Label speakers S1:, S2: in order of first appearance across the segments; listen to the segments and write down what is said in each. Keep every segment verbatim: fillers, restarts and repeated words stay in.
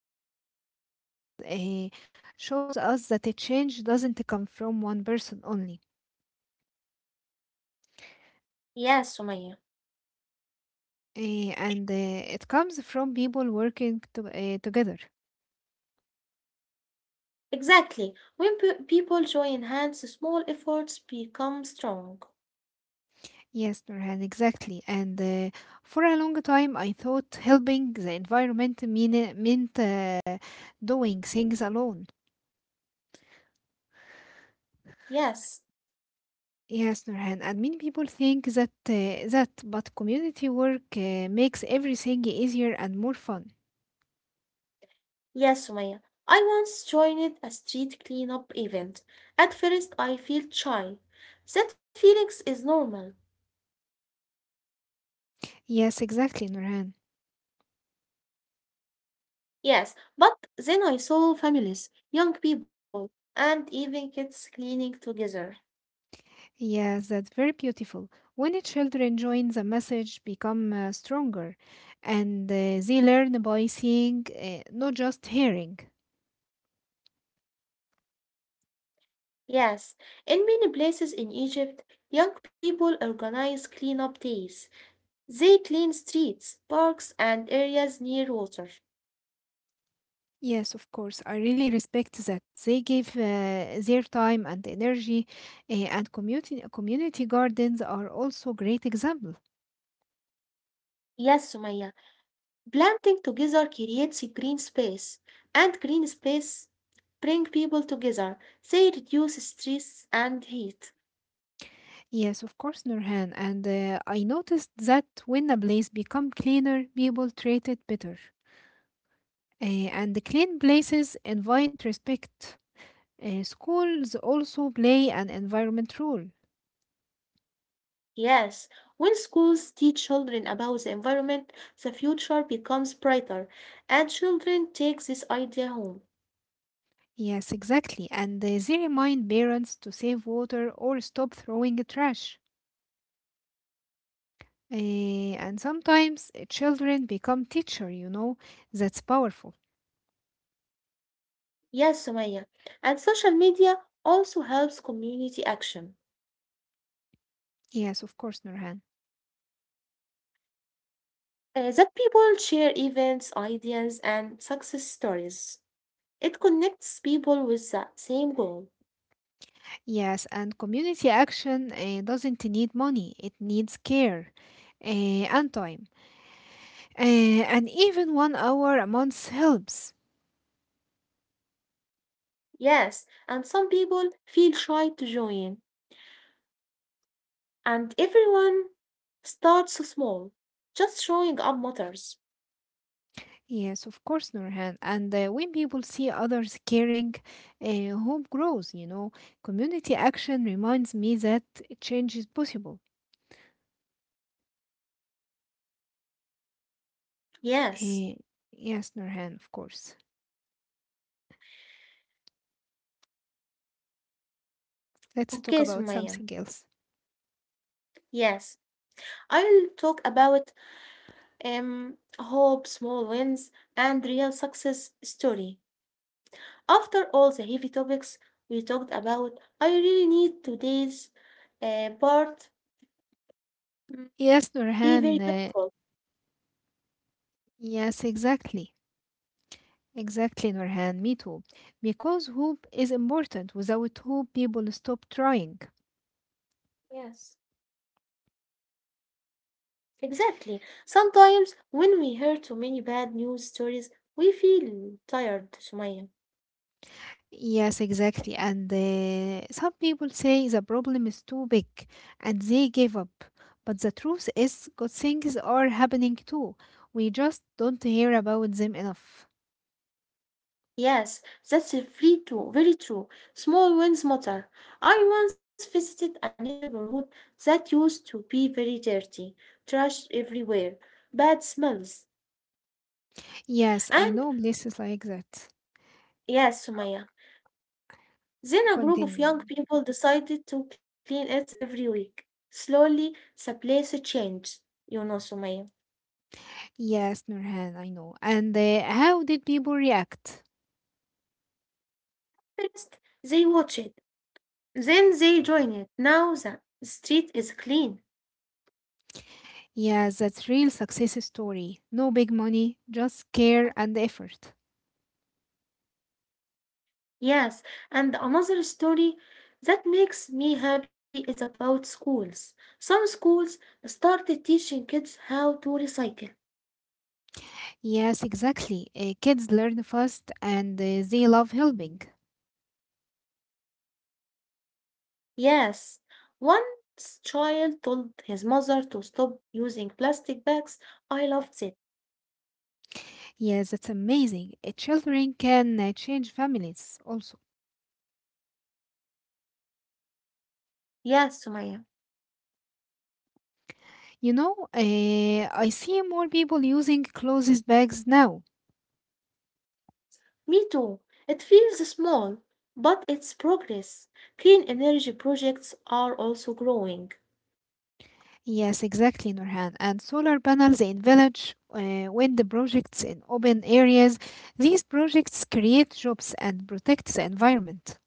S1: Nurhan. Community actions eh, shows us that a change doesn't come from one person only.
S2: Yes, Sumaya.
S1: Eh, and eh, it comes from people working to, eh, together.
S2: Exactly. When pe- people join hands, small efforts become strong.
S1: Yes, Nurhan, exactly. And eh, for a long time, I thought helping the environment mean, meant uh, doing things alone.
S2: Yes.
S1: Yes, Nurhan, and many people think that eh, that, but community work eh, makes everything easier and more fun.
S2: Yes, Sumaya. I once joined a street cleanup event. At first, I felt shy. That feeling is normal.
S1: Yes, exactly, Nurhan.
S2: Yes, but then I saw families, young people, and even kids cleaning together.
S1: Yes, that's very beautiful. When the children join, the message become uh, stronger, and uh, they learn by seeing, uh, not just hearing.
S2: Yes, in many places in Egypt, young people organize cleanup days. They clean streets, parks, and areas near water.
S1: Yes, of course. I really respect that. They give uh, their time and energy, uh, and community community gardens are also great example.
S2: Yes, Sumaya. Planting together creates a green space, and green space bring people together. They reduce stress and heat.
S1: Yes, of course, Nurhan. And uh, I noticed that when a place become cleaner, people treat it better. Uh, and clean places invite respect. Uh, schools also play an environment role.
S2: Yes, when schools teach children about the environment, the future becomes brighter, and children take this idea home.
S1: Yes, exactly. And uh, they remind parents to save water or stop throwing trash. Uh, and sometimes uh, children become teacher, you know. That's powerful.
S2: Yes, Sumaya. And social media also helps community action.
S1: Yes, of course, Nurhan.
S2: Uh, that people share events, ideas, and success stories. It connects people with the same goal.
S1: Yes, and community action uh, doesn't need money. It needs care uh, and time. Uh, and even one hour a month helps.
S2: Yes, and some people feel shy to join, and everyone starts small, just showing up matters.
S1: Yes, of course, Nurhan. And uh, when people see others caring, uh, hope grows. you know. Community action reminds me that change is possible.
S2: Yes.
S1: Uh, yes, Nurhan, of course.
S2: Okay,
S1: Let's talk
S2: Sumaya.
S1: about something else.
S2: Yes, I'll talk about um hope, small wins, and real success story. After all the heavy topics we talked about, I really need today's uh, part mm,
S1: Yes,
S2: be
S1: Nurhan.
S2: very
S1: Uh,
S2: helpful.
S1: yes, exactly. Exactly, Nurhan. Me too. Because hope is important. Without hope, people stop trying.
S2: Yes. Exactly. Sometimes when we hear too many bad news stories, we feel tired, Sumaya.
S1: Yes, exactly. And uh, some people say the problem is too big and they give up. But the truth is, good things are happening too. We just don't hear about them enough.
S2: Yes, that's a free too, very true. Small wins matter. I once visited a neighborhood that used to be very dirty, trash everywhere, bad smells.
S1: Yes, I
S2: And
S1: know places like that.
S2: yes, Sumaya. Then a group of
S1: Continue.
S2: young people decided to clean it every week. Slowly, the place changed, you know, Sumaya.
S1: Yes, Nurhan, I know. And uh, how did people react?
S2: First, they watched. Then they join it. Now the street is clean.
S1: Yes, that's real success story. No big money, just care and effort.
S2: Yes, and another story that makes me happy is about schools. Some schools started teaching kids how to recycle.
S1: Yes, exactly. Uh, kids learn fast and uh, they love helping.
S2: Yes, one child told his mother to stop using plastic bags. I loved it.
S1: Yes, it's amazing. Uh, Children can uh, change families also.
S2: Yes, Sumaya.
S1: You know, uh, I see more people using clothes bags now.
S2: Me too. It feels small, but it's progress. Clean energy projects are also growing.
S1: Yes, exactly, Nurhan. And solar panels in village, uh, wind projects in open areas. These projects create jobs and protect the environment.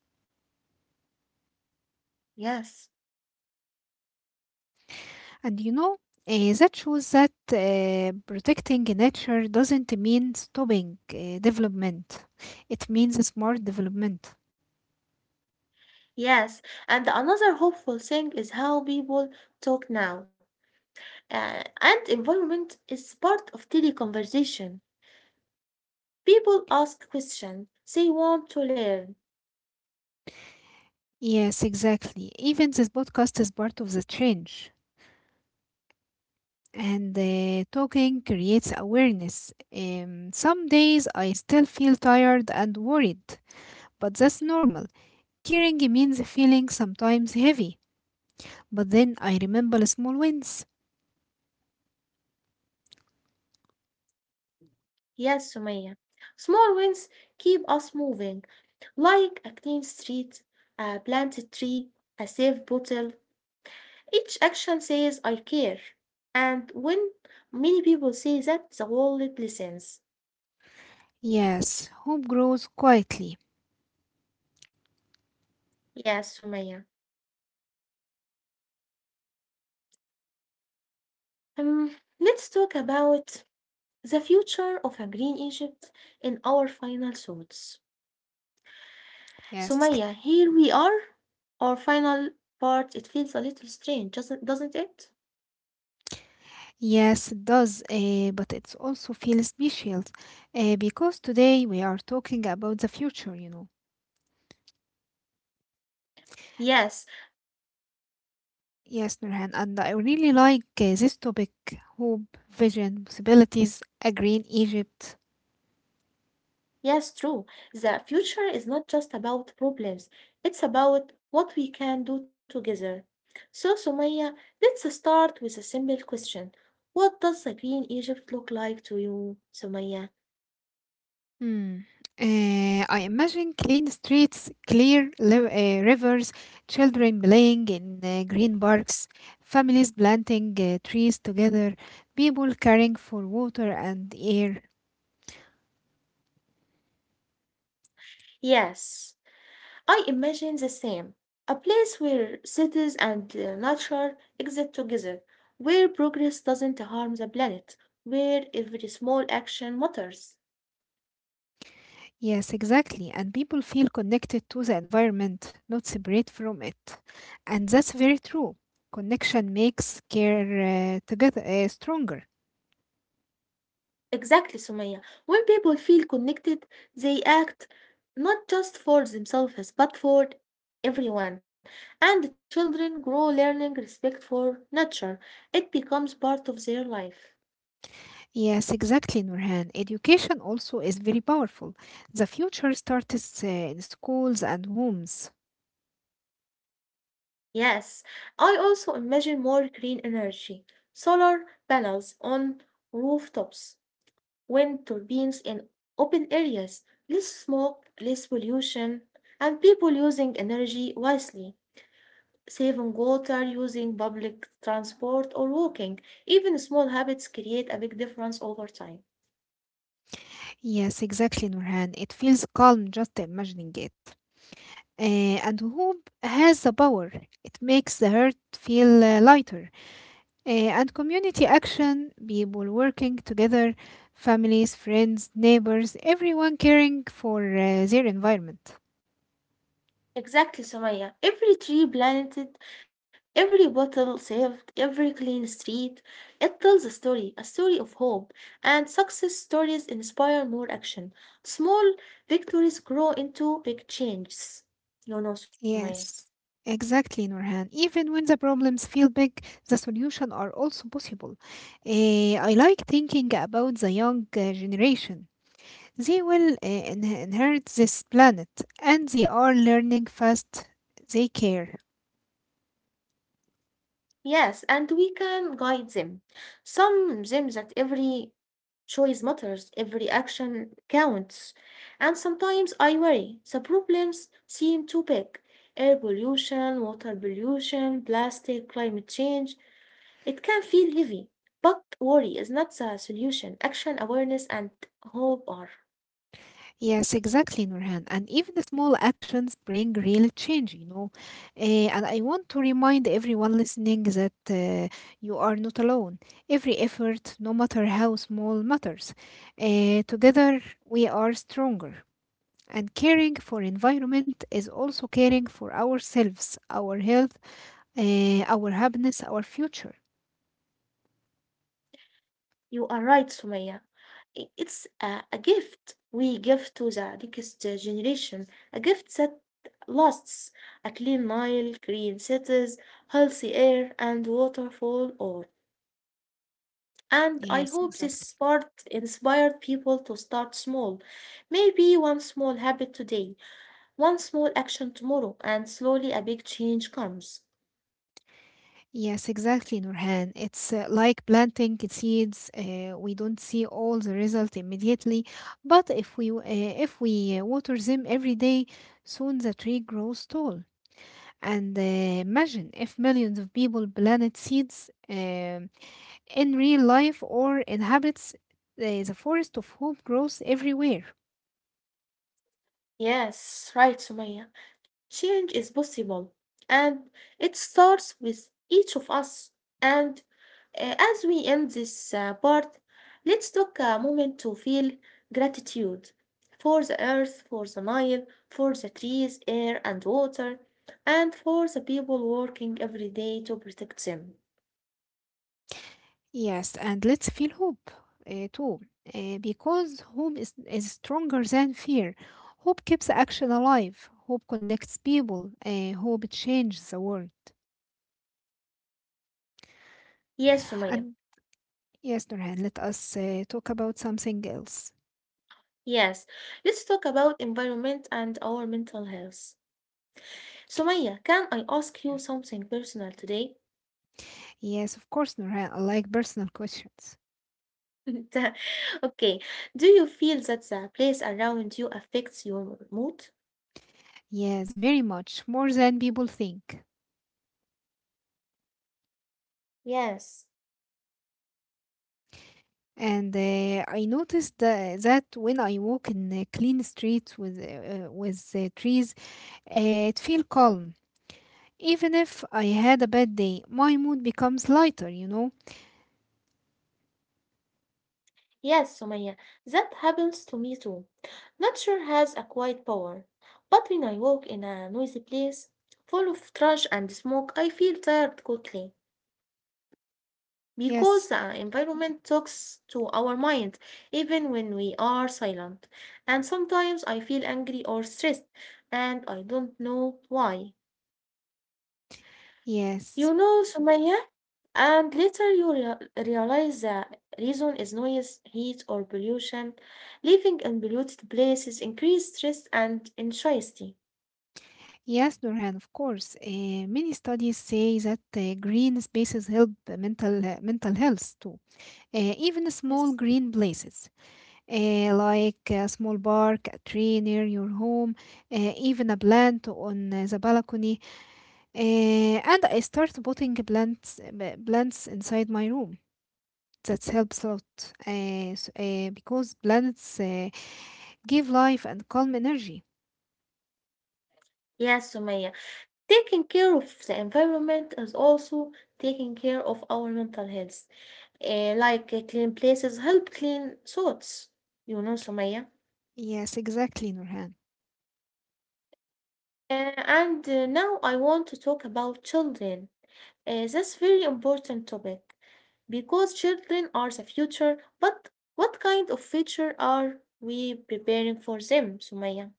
S2: Yes.
S1: And you know, uh, that shows that uh, protecting nature doesn't mean stopping uh, development. It means smart development.
S2: Yes, and another hopeful thing is how people talk now. Uh, and environment is part of daily conversation. People ask questions, they want to learn.
S1: Yes, exactly. Even this podcast is part of the change. And uh, talking creates awareness. Um, some days I still feel tired and worried, but that's normal. Caring means feeling sometimes heavy, but then I remember the small wins.
S2: Yes, Sumaya. Small wins keep us moving, like a clean street, a planted tree, a safe bottle. Each action says, I care. And when many people say that, the world listens.
S1: Yes, hope grows quietly.
S2: Yes, Sumaya. Um, let's talk about the future of a green Egypt in our final thoughts. So
S1: Yes,
S2: Maya, here we are. Our final part, it feels a little strange, doesn't, doesn't it?
S1: yes, it does, uh, but it also feels special uh, because today we are talking about the future, you know.
S2: Yes,
S1: Yes, Nurhan, and I really like uh, this topic: hope, vision, possibilities, a green Egypt.
S2: yes, true. The future is not just about problems, it's about what we can do together. So, Sumaya, let's start with a simple question. What does a green Egypt look like to you, Sumaya?
S1: Hmm. Uh, I imagine clean streets, clear li- uh, rivers, children playing in uh, green parks, families planting uh, trees together, people caring for water and air.
S2: Yes. I imagine the same. A place where cities and uh, nature exist together, where progress doesn't harm the planet, where every small action matters.
S1: Yes, exactly. And people feel connected to the environment, not separate from it. And that's very true. Connection makes care uh, together uh, stronger.
S2: Exactly, Sumaya. When people feel connected, they act not just for themselves but for everyone. And the children grow learning respect for nature. It becomes part of their life.
S1: Yes, exactly, Nurhan. Education also is very powerful. The future starts uh, in schools and homes.
S2: Yes, I also imagine more green energy, solar panels on rooftops, wind turbines in open areas, less smoke, less pollution, and people using energy wisely, saving water, using public transport, or walking. Even small habits create a big difference over time.
S1: Yes, exactly, Nurhan. It feels calm just imagining it. Uh, and hope has the power. It makes the heart feel uh, lighter. Eh, and community action, people working together, families, friends, neighbors, everyone caring for uh, their environment.
S2: Exactly, Sumaya. Every tree planted, every bottle saved, every clean street, it tells a story, a story of hope. And success stories inspire more action. Small victories grow into big changes. No, no, Sumaya.
S1: Yes, exactly, Norhan. Even when the problems feel big, the solutions are also possible. Eh, I like thinking about the young uh, generation. They will uh, inhe- inherit this planet and they are learning fast. They care.
S2: Yes, and we can guide them. Some them that every choice matters, every action counts. And sometimes I worry the problems seem too big, air pollution, water pollution, plastic, climate change. It can feel heavy. But worry is not the solution. Action, awareness, and hope are.
S1: Yes, exactly, Nurhan. And even the small actions bring real change, you know. Eh, and I want to remind everyone listening that uh, you are not alone. Every effort, no matter how small, matters. Eh, together, we are stronger. And caring for environment is also caring for ourselves, our health, eh, our happiness, our future.
S2: You are right, Sumaya. I- It's a, a gift we give to the next generation, a gift that lasts, a clean Nile, green cities, healthy air, and water for all. And I
S1: Yes,
S2: hope this
S1: exactly.
S2: part inspired people to start small. Maybe one small habit today, one small action tomorrow, and slowly a big change comes.
S1: Yes, exactly, Nurhan. It's uh, like planting seeds. Uh, we don't see all the result immediately, but if we w- uh, if we uh, water them every day, soon the tree grows tall. And uh, imagine if millions of people planted seeds um in real life or inhabits uh, the forest of hope grows everywhere.
S2: Yes, right, Sumaya. Change is possible, and it starts with each of us. And uh, as we end this uh, part, let's take a moment to feel gratitude for the earth, for the Nile, for the trees, air, and water, and for the people working every day to protect them.
S1: Yes, and let's feel hope uh, too, uh, because hope is, is stronger than fear. Hope keeps action alive. Hope connects people. Uh, hope changes the world.
S2: Yes, Sumaya.
S1: And yes, Nurhan, let us uh, talk about something else.
S2: Yes, let's talk about environment and our mental health. Sumaya, can I ask you something personal today?
S1: Yes, of course, Nurhan. I like personal questions.
S2: The- okay. Do you feel that the place around you affects your mood?
S1: Yes, very much more than people think.
S2: Yes.
S1: And uh, I noticed tha- that when I walk in a clean street with uh, uh, with uh, trees, uh, it feel calm. Even if I had a bad day, my mood becomes lighter, you know?
S2: Yes, Sumaya. That happens to me too. Nature has a quiet power. But when I walk in a noisy place full of trash and smoke, I feel tired quickly because
S1: Yes,
S2: the environment talks to our mind even when we are silent. And sometimes I feel angry or stressed and I don't know why.
S1: yes,
S2: You know, Sumaya, and later you rea- realize the reason is noise, heat, or pollution. Living in polluted places increase stress and anxiety.
S1: yes, Nurhan, of course. Uh, many studies say that uh, green spaces help mental, uh, mental health too. Uh, even small
S2: Yes.
S1: green places, uh, like a small park, a tree near your home, uh, even a plant on uh, the balcony. Uh, and I start putting plants, b- plants inside my room. That helps a lot uh, s- uh, because plants Uh, give life and calm energy.
S2: Yes, Sumaya. Taking care of the environment is also taking care of our mental health. Eh, like uh, clean places help clean thoughts. You know, Sumaya.
S1: Yes, exactly, Nurhan.
S2: Uh, and uh, Now I want to talk about children. Uh, that's very important topic because children are the future, but what kind of future are we preparing for them, Sumaya?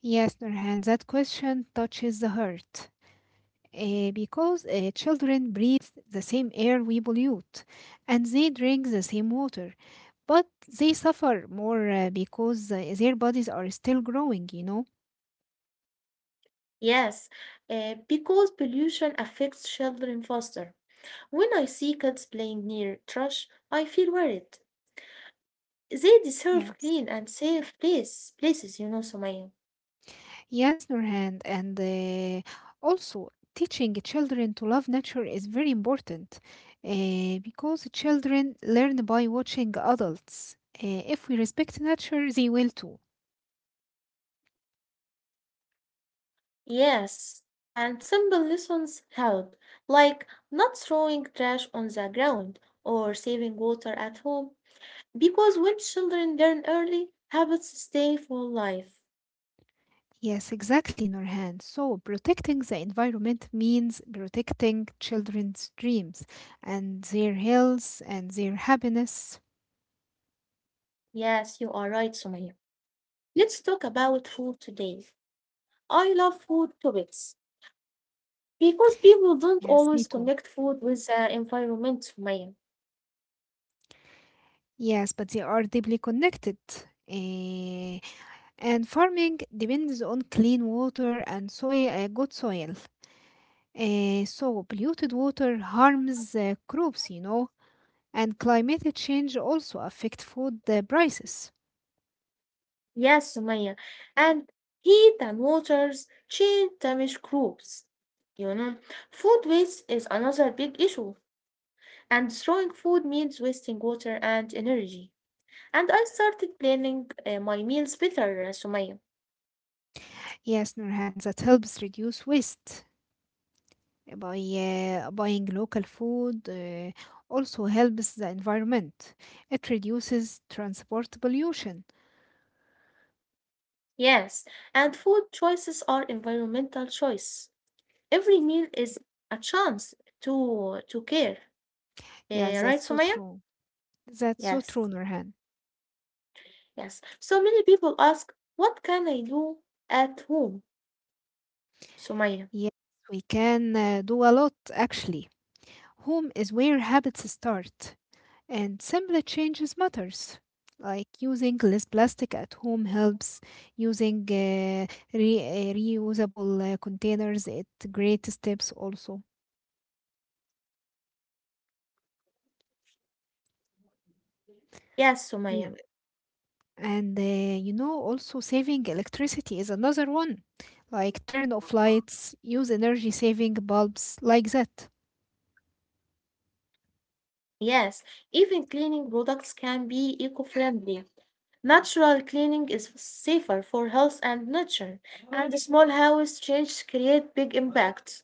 S1: Yes, Nurhan, that question touches the heart. Eh, because eh, children breathe the same air we pollute and they drink the same water, but they suffer more uh, because uh, their bodies are still growing, you know?
S2: Yes, uh, because pollution affects children faster. When I see kids playing near trash, I feel worried. They deserve
S1: Yes.
S2: clean and safe place, places, you know, Sumaya.
S1: Yes, Nurhan, and uh, also teaching children to love nature is very important uh, because children learn by watching adults. Uh, if we respect nature, they will too.
S2: Yes, and simple lessons help, like not throwing trash on the ground or saving water at home, because when children learn early, habits stay for life.
S1: Yes, exactly, Nurhan. So protecting the environment means protecting children's dreams and their health and their happiness.
S2: Yes, you are right, Sumaya. Let's talk about food today. I love food topics because people don't
S1: Yes, me
S2: always
S1: too.
S2: connect food with the environment, Sumaya.
S1: Yes, but they are deeply connected. Eh, And farming depends on clean water and soil, uh, good soil. Uh, so polluted water harms uh, crops, you know, and climate change also affect food uh, prices.
S2: Yes, Sumaya. And heat and waters change damage crops. You know, food waste is another big issue, and throwing food means wasting water and energy. And I started planning uh, my meals better, uh, Sumaya.
S1: Yes, Nurhan, that helps reduce waste. Uh, by uh, buying local food uh, also helps the environment. It reduces transport pollution.
S2: Yes, and food choices are environmental choice. Every meal is a chance to to care.
S1: Yeah,
S2: Uh, right,
S1: that's so
S2: Sumaya?
S1: true. That's so true,
S2: Yes,
S1: Nurhan.
S2: yes. So many people ask, what can I do at home, Sumaya?
S1: Yes, we can uh, do a lot actually. Home is where habits start, and simple changes matters. Like using less plastic at home helps. Using uh, re- uh, reusable uh, containers at great steps also.
S2: Yes,
S1: Yeah.
S2: Sumaya.
S1: And uh, you know, also saving electricity is another one. Like turn off lights, use energy saving bulbs, like that.
S2: Yes, even cleaning products can be eco-friendly. Natural cleaning is safer for health and nature, and the small house changes create big impacts.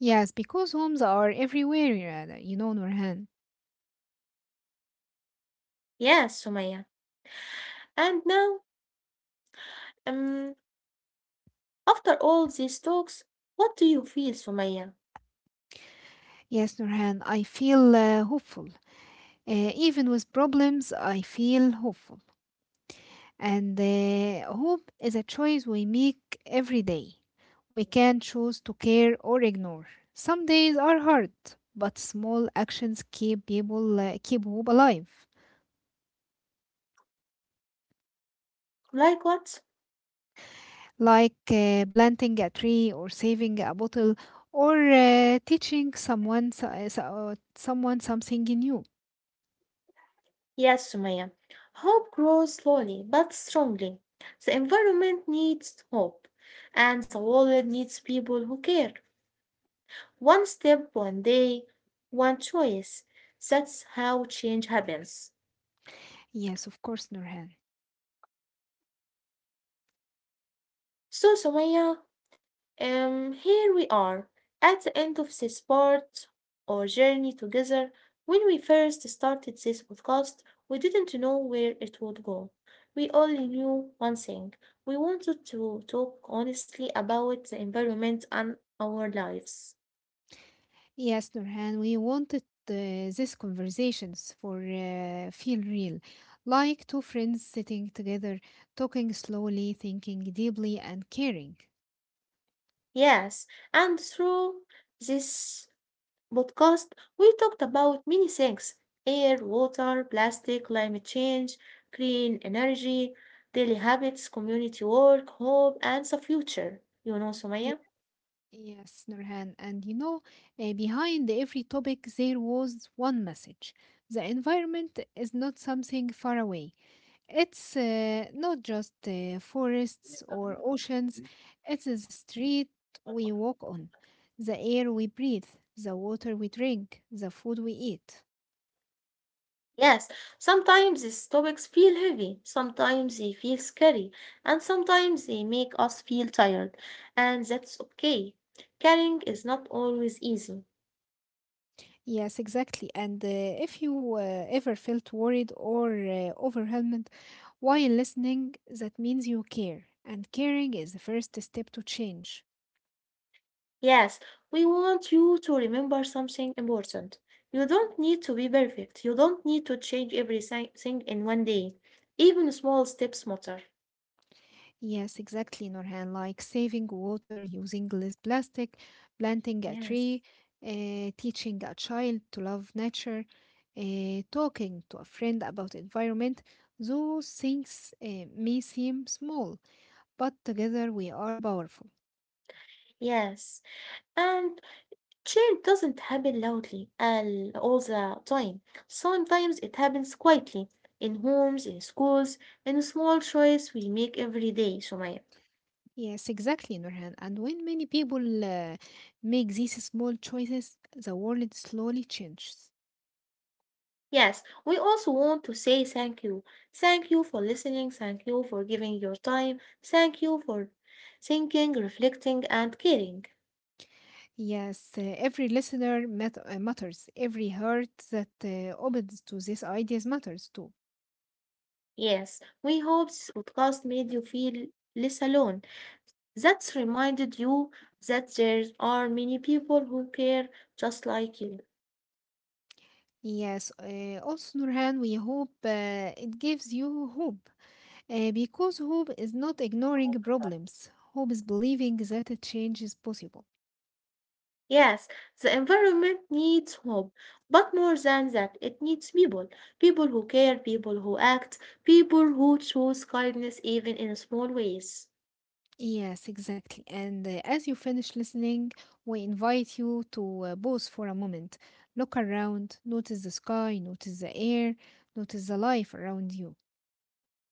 S1: Yes, because homes are everywhere, uh, you know, Nurhan.
S2: Yes, Sumaya. And now, um, after all these talks, what do you feel, Sumaya?
S1: Yes, Nurhan, I feel uh, hopeful. Uh, even with problems, I feel hopeful. And uh, hope is a choice we make every day. We can choose to care or ignore. Some days are hard, but small actions keep people uh, keep hope alive,
S2: Like what?
S1: like uh, planting a tree or saving a bottle or uh, teaching someone so- so- someone something new.
S2: Yes, Sumaya. Hope grows slowly but strongly. The environment needs hope, and the world needs people who care. One step, one day, one choice. That's how change happens.
S1: Yes, of course, Nurhan.
S2: So, Sumaya, um, here we are at the end of this part or journey together. When we first started this podcast, we didn't know where it would go. We only knew one thing. We wanted to talk honestly about the environment and our lives.
S1: Yes, Nurhan, we wanted uh, these conversations for uh, feel real, like two friends sitting together, talking slowly, thinking deeply, and caring.
S2: Yes, and through this podcast, we talked about many things, air, water, plastic, climate change, clean energy, daily habits, community work, hope, and the future. You know, Sumaya?
S1: Yes, Nurhan. And you know, uh, behind every topic, there was one message. The environment is not something far away. It's uh, not just uh, forests or oceans, it's the street we walk on, the air we breathe, the water we drink, the food we eat.
S2: Yes, sometimes these topics feel heavy, sometimes they feel scary, and sometimes they make us feel tired, and that's okay. Caring is not always easy.
S1: Yes, exactly. And uh, if you uh, ever felt worried or uh, overwhelmed while listening, that means you care. And caring is the first step to change.
S2: Yes, we want you to remember something important. You don't need to be perfect. You don't need to change everything in one day. Even small steps matter.
S1: Yes, exactly, Norhan. Like saving water, using less plastic, planting a
S2: Yes.
S1: tree, uh, teaching a child to love nature, uh, talking to a friend about environment. Those things uh, may seem small, but together we are powerful.
S2: Yes. And change doesn't happen loudly all all the time. Sometimes it happens quietly in homes, in schools, in small choice we make every day, Sumaya.
S1: Yes, exactly, Nurhan. And when many people uh, make these small choices, the world slowly changes.
S2: Yes, we also want to say thank you. Thank you for listening. Thank you for giving your time. Thank you for thinking, reflecting, and caring.
S1: Yes, uh, every listener mat- uh, matters. Every heart that uh, opens to these ideas matters too.
S2: Yes, we hope this podcast made you feel less alone. That's reminded you that there are many people who care just like you.
S1: Yes, uh, also, Nurhan, we hope uh, it gives you hope. Uh, because hope is not ignoring problems, hope is believing that a change is possible.
S2: Yes, the environment needs hope, but more than that, it needs people. People who care, people who act, people who choose kindness even in small ways.
S1: Yes, exactly. And uh, as you finish listening, we invite you to uh, pause for a moment. Look around, notice the sky, notice the air, notice the life around you.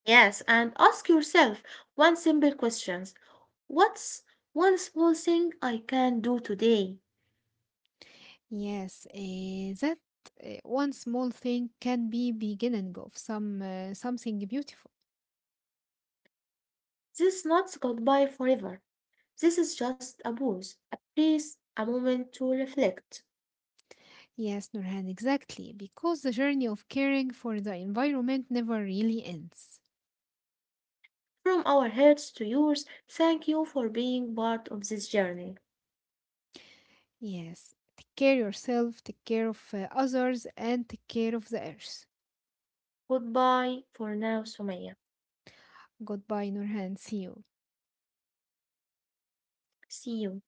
S2: Yes, and ask yourself one simple question. What's one small thing I can do today?
S1: Yes, uh, that uh, one small thing can be beginning of some uh, something beautiful.
S2: This is not goodbye forever. This is just a pause, a place, a moment to reflect.
S1: Yes, Nurhan, exactly, because the journey of caring for the environment never really ends.
S2: From our hearts to yours, thank you for being part of this journey.
S1: Yes, take care yourself, take care of uh, others, and take care of the earth.
S2: Goodbye for now, Sumaya.
S1: Goodbye, Nurhan. See you.
S2: See you.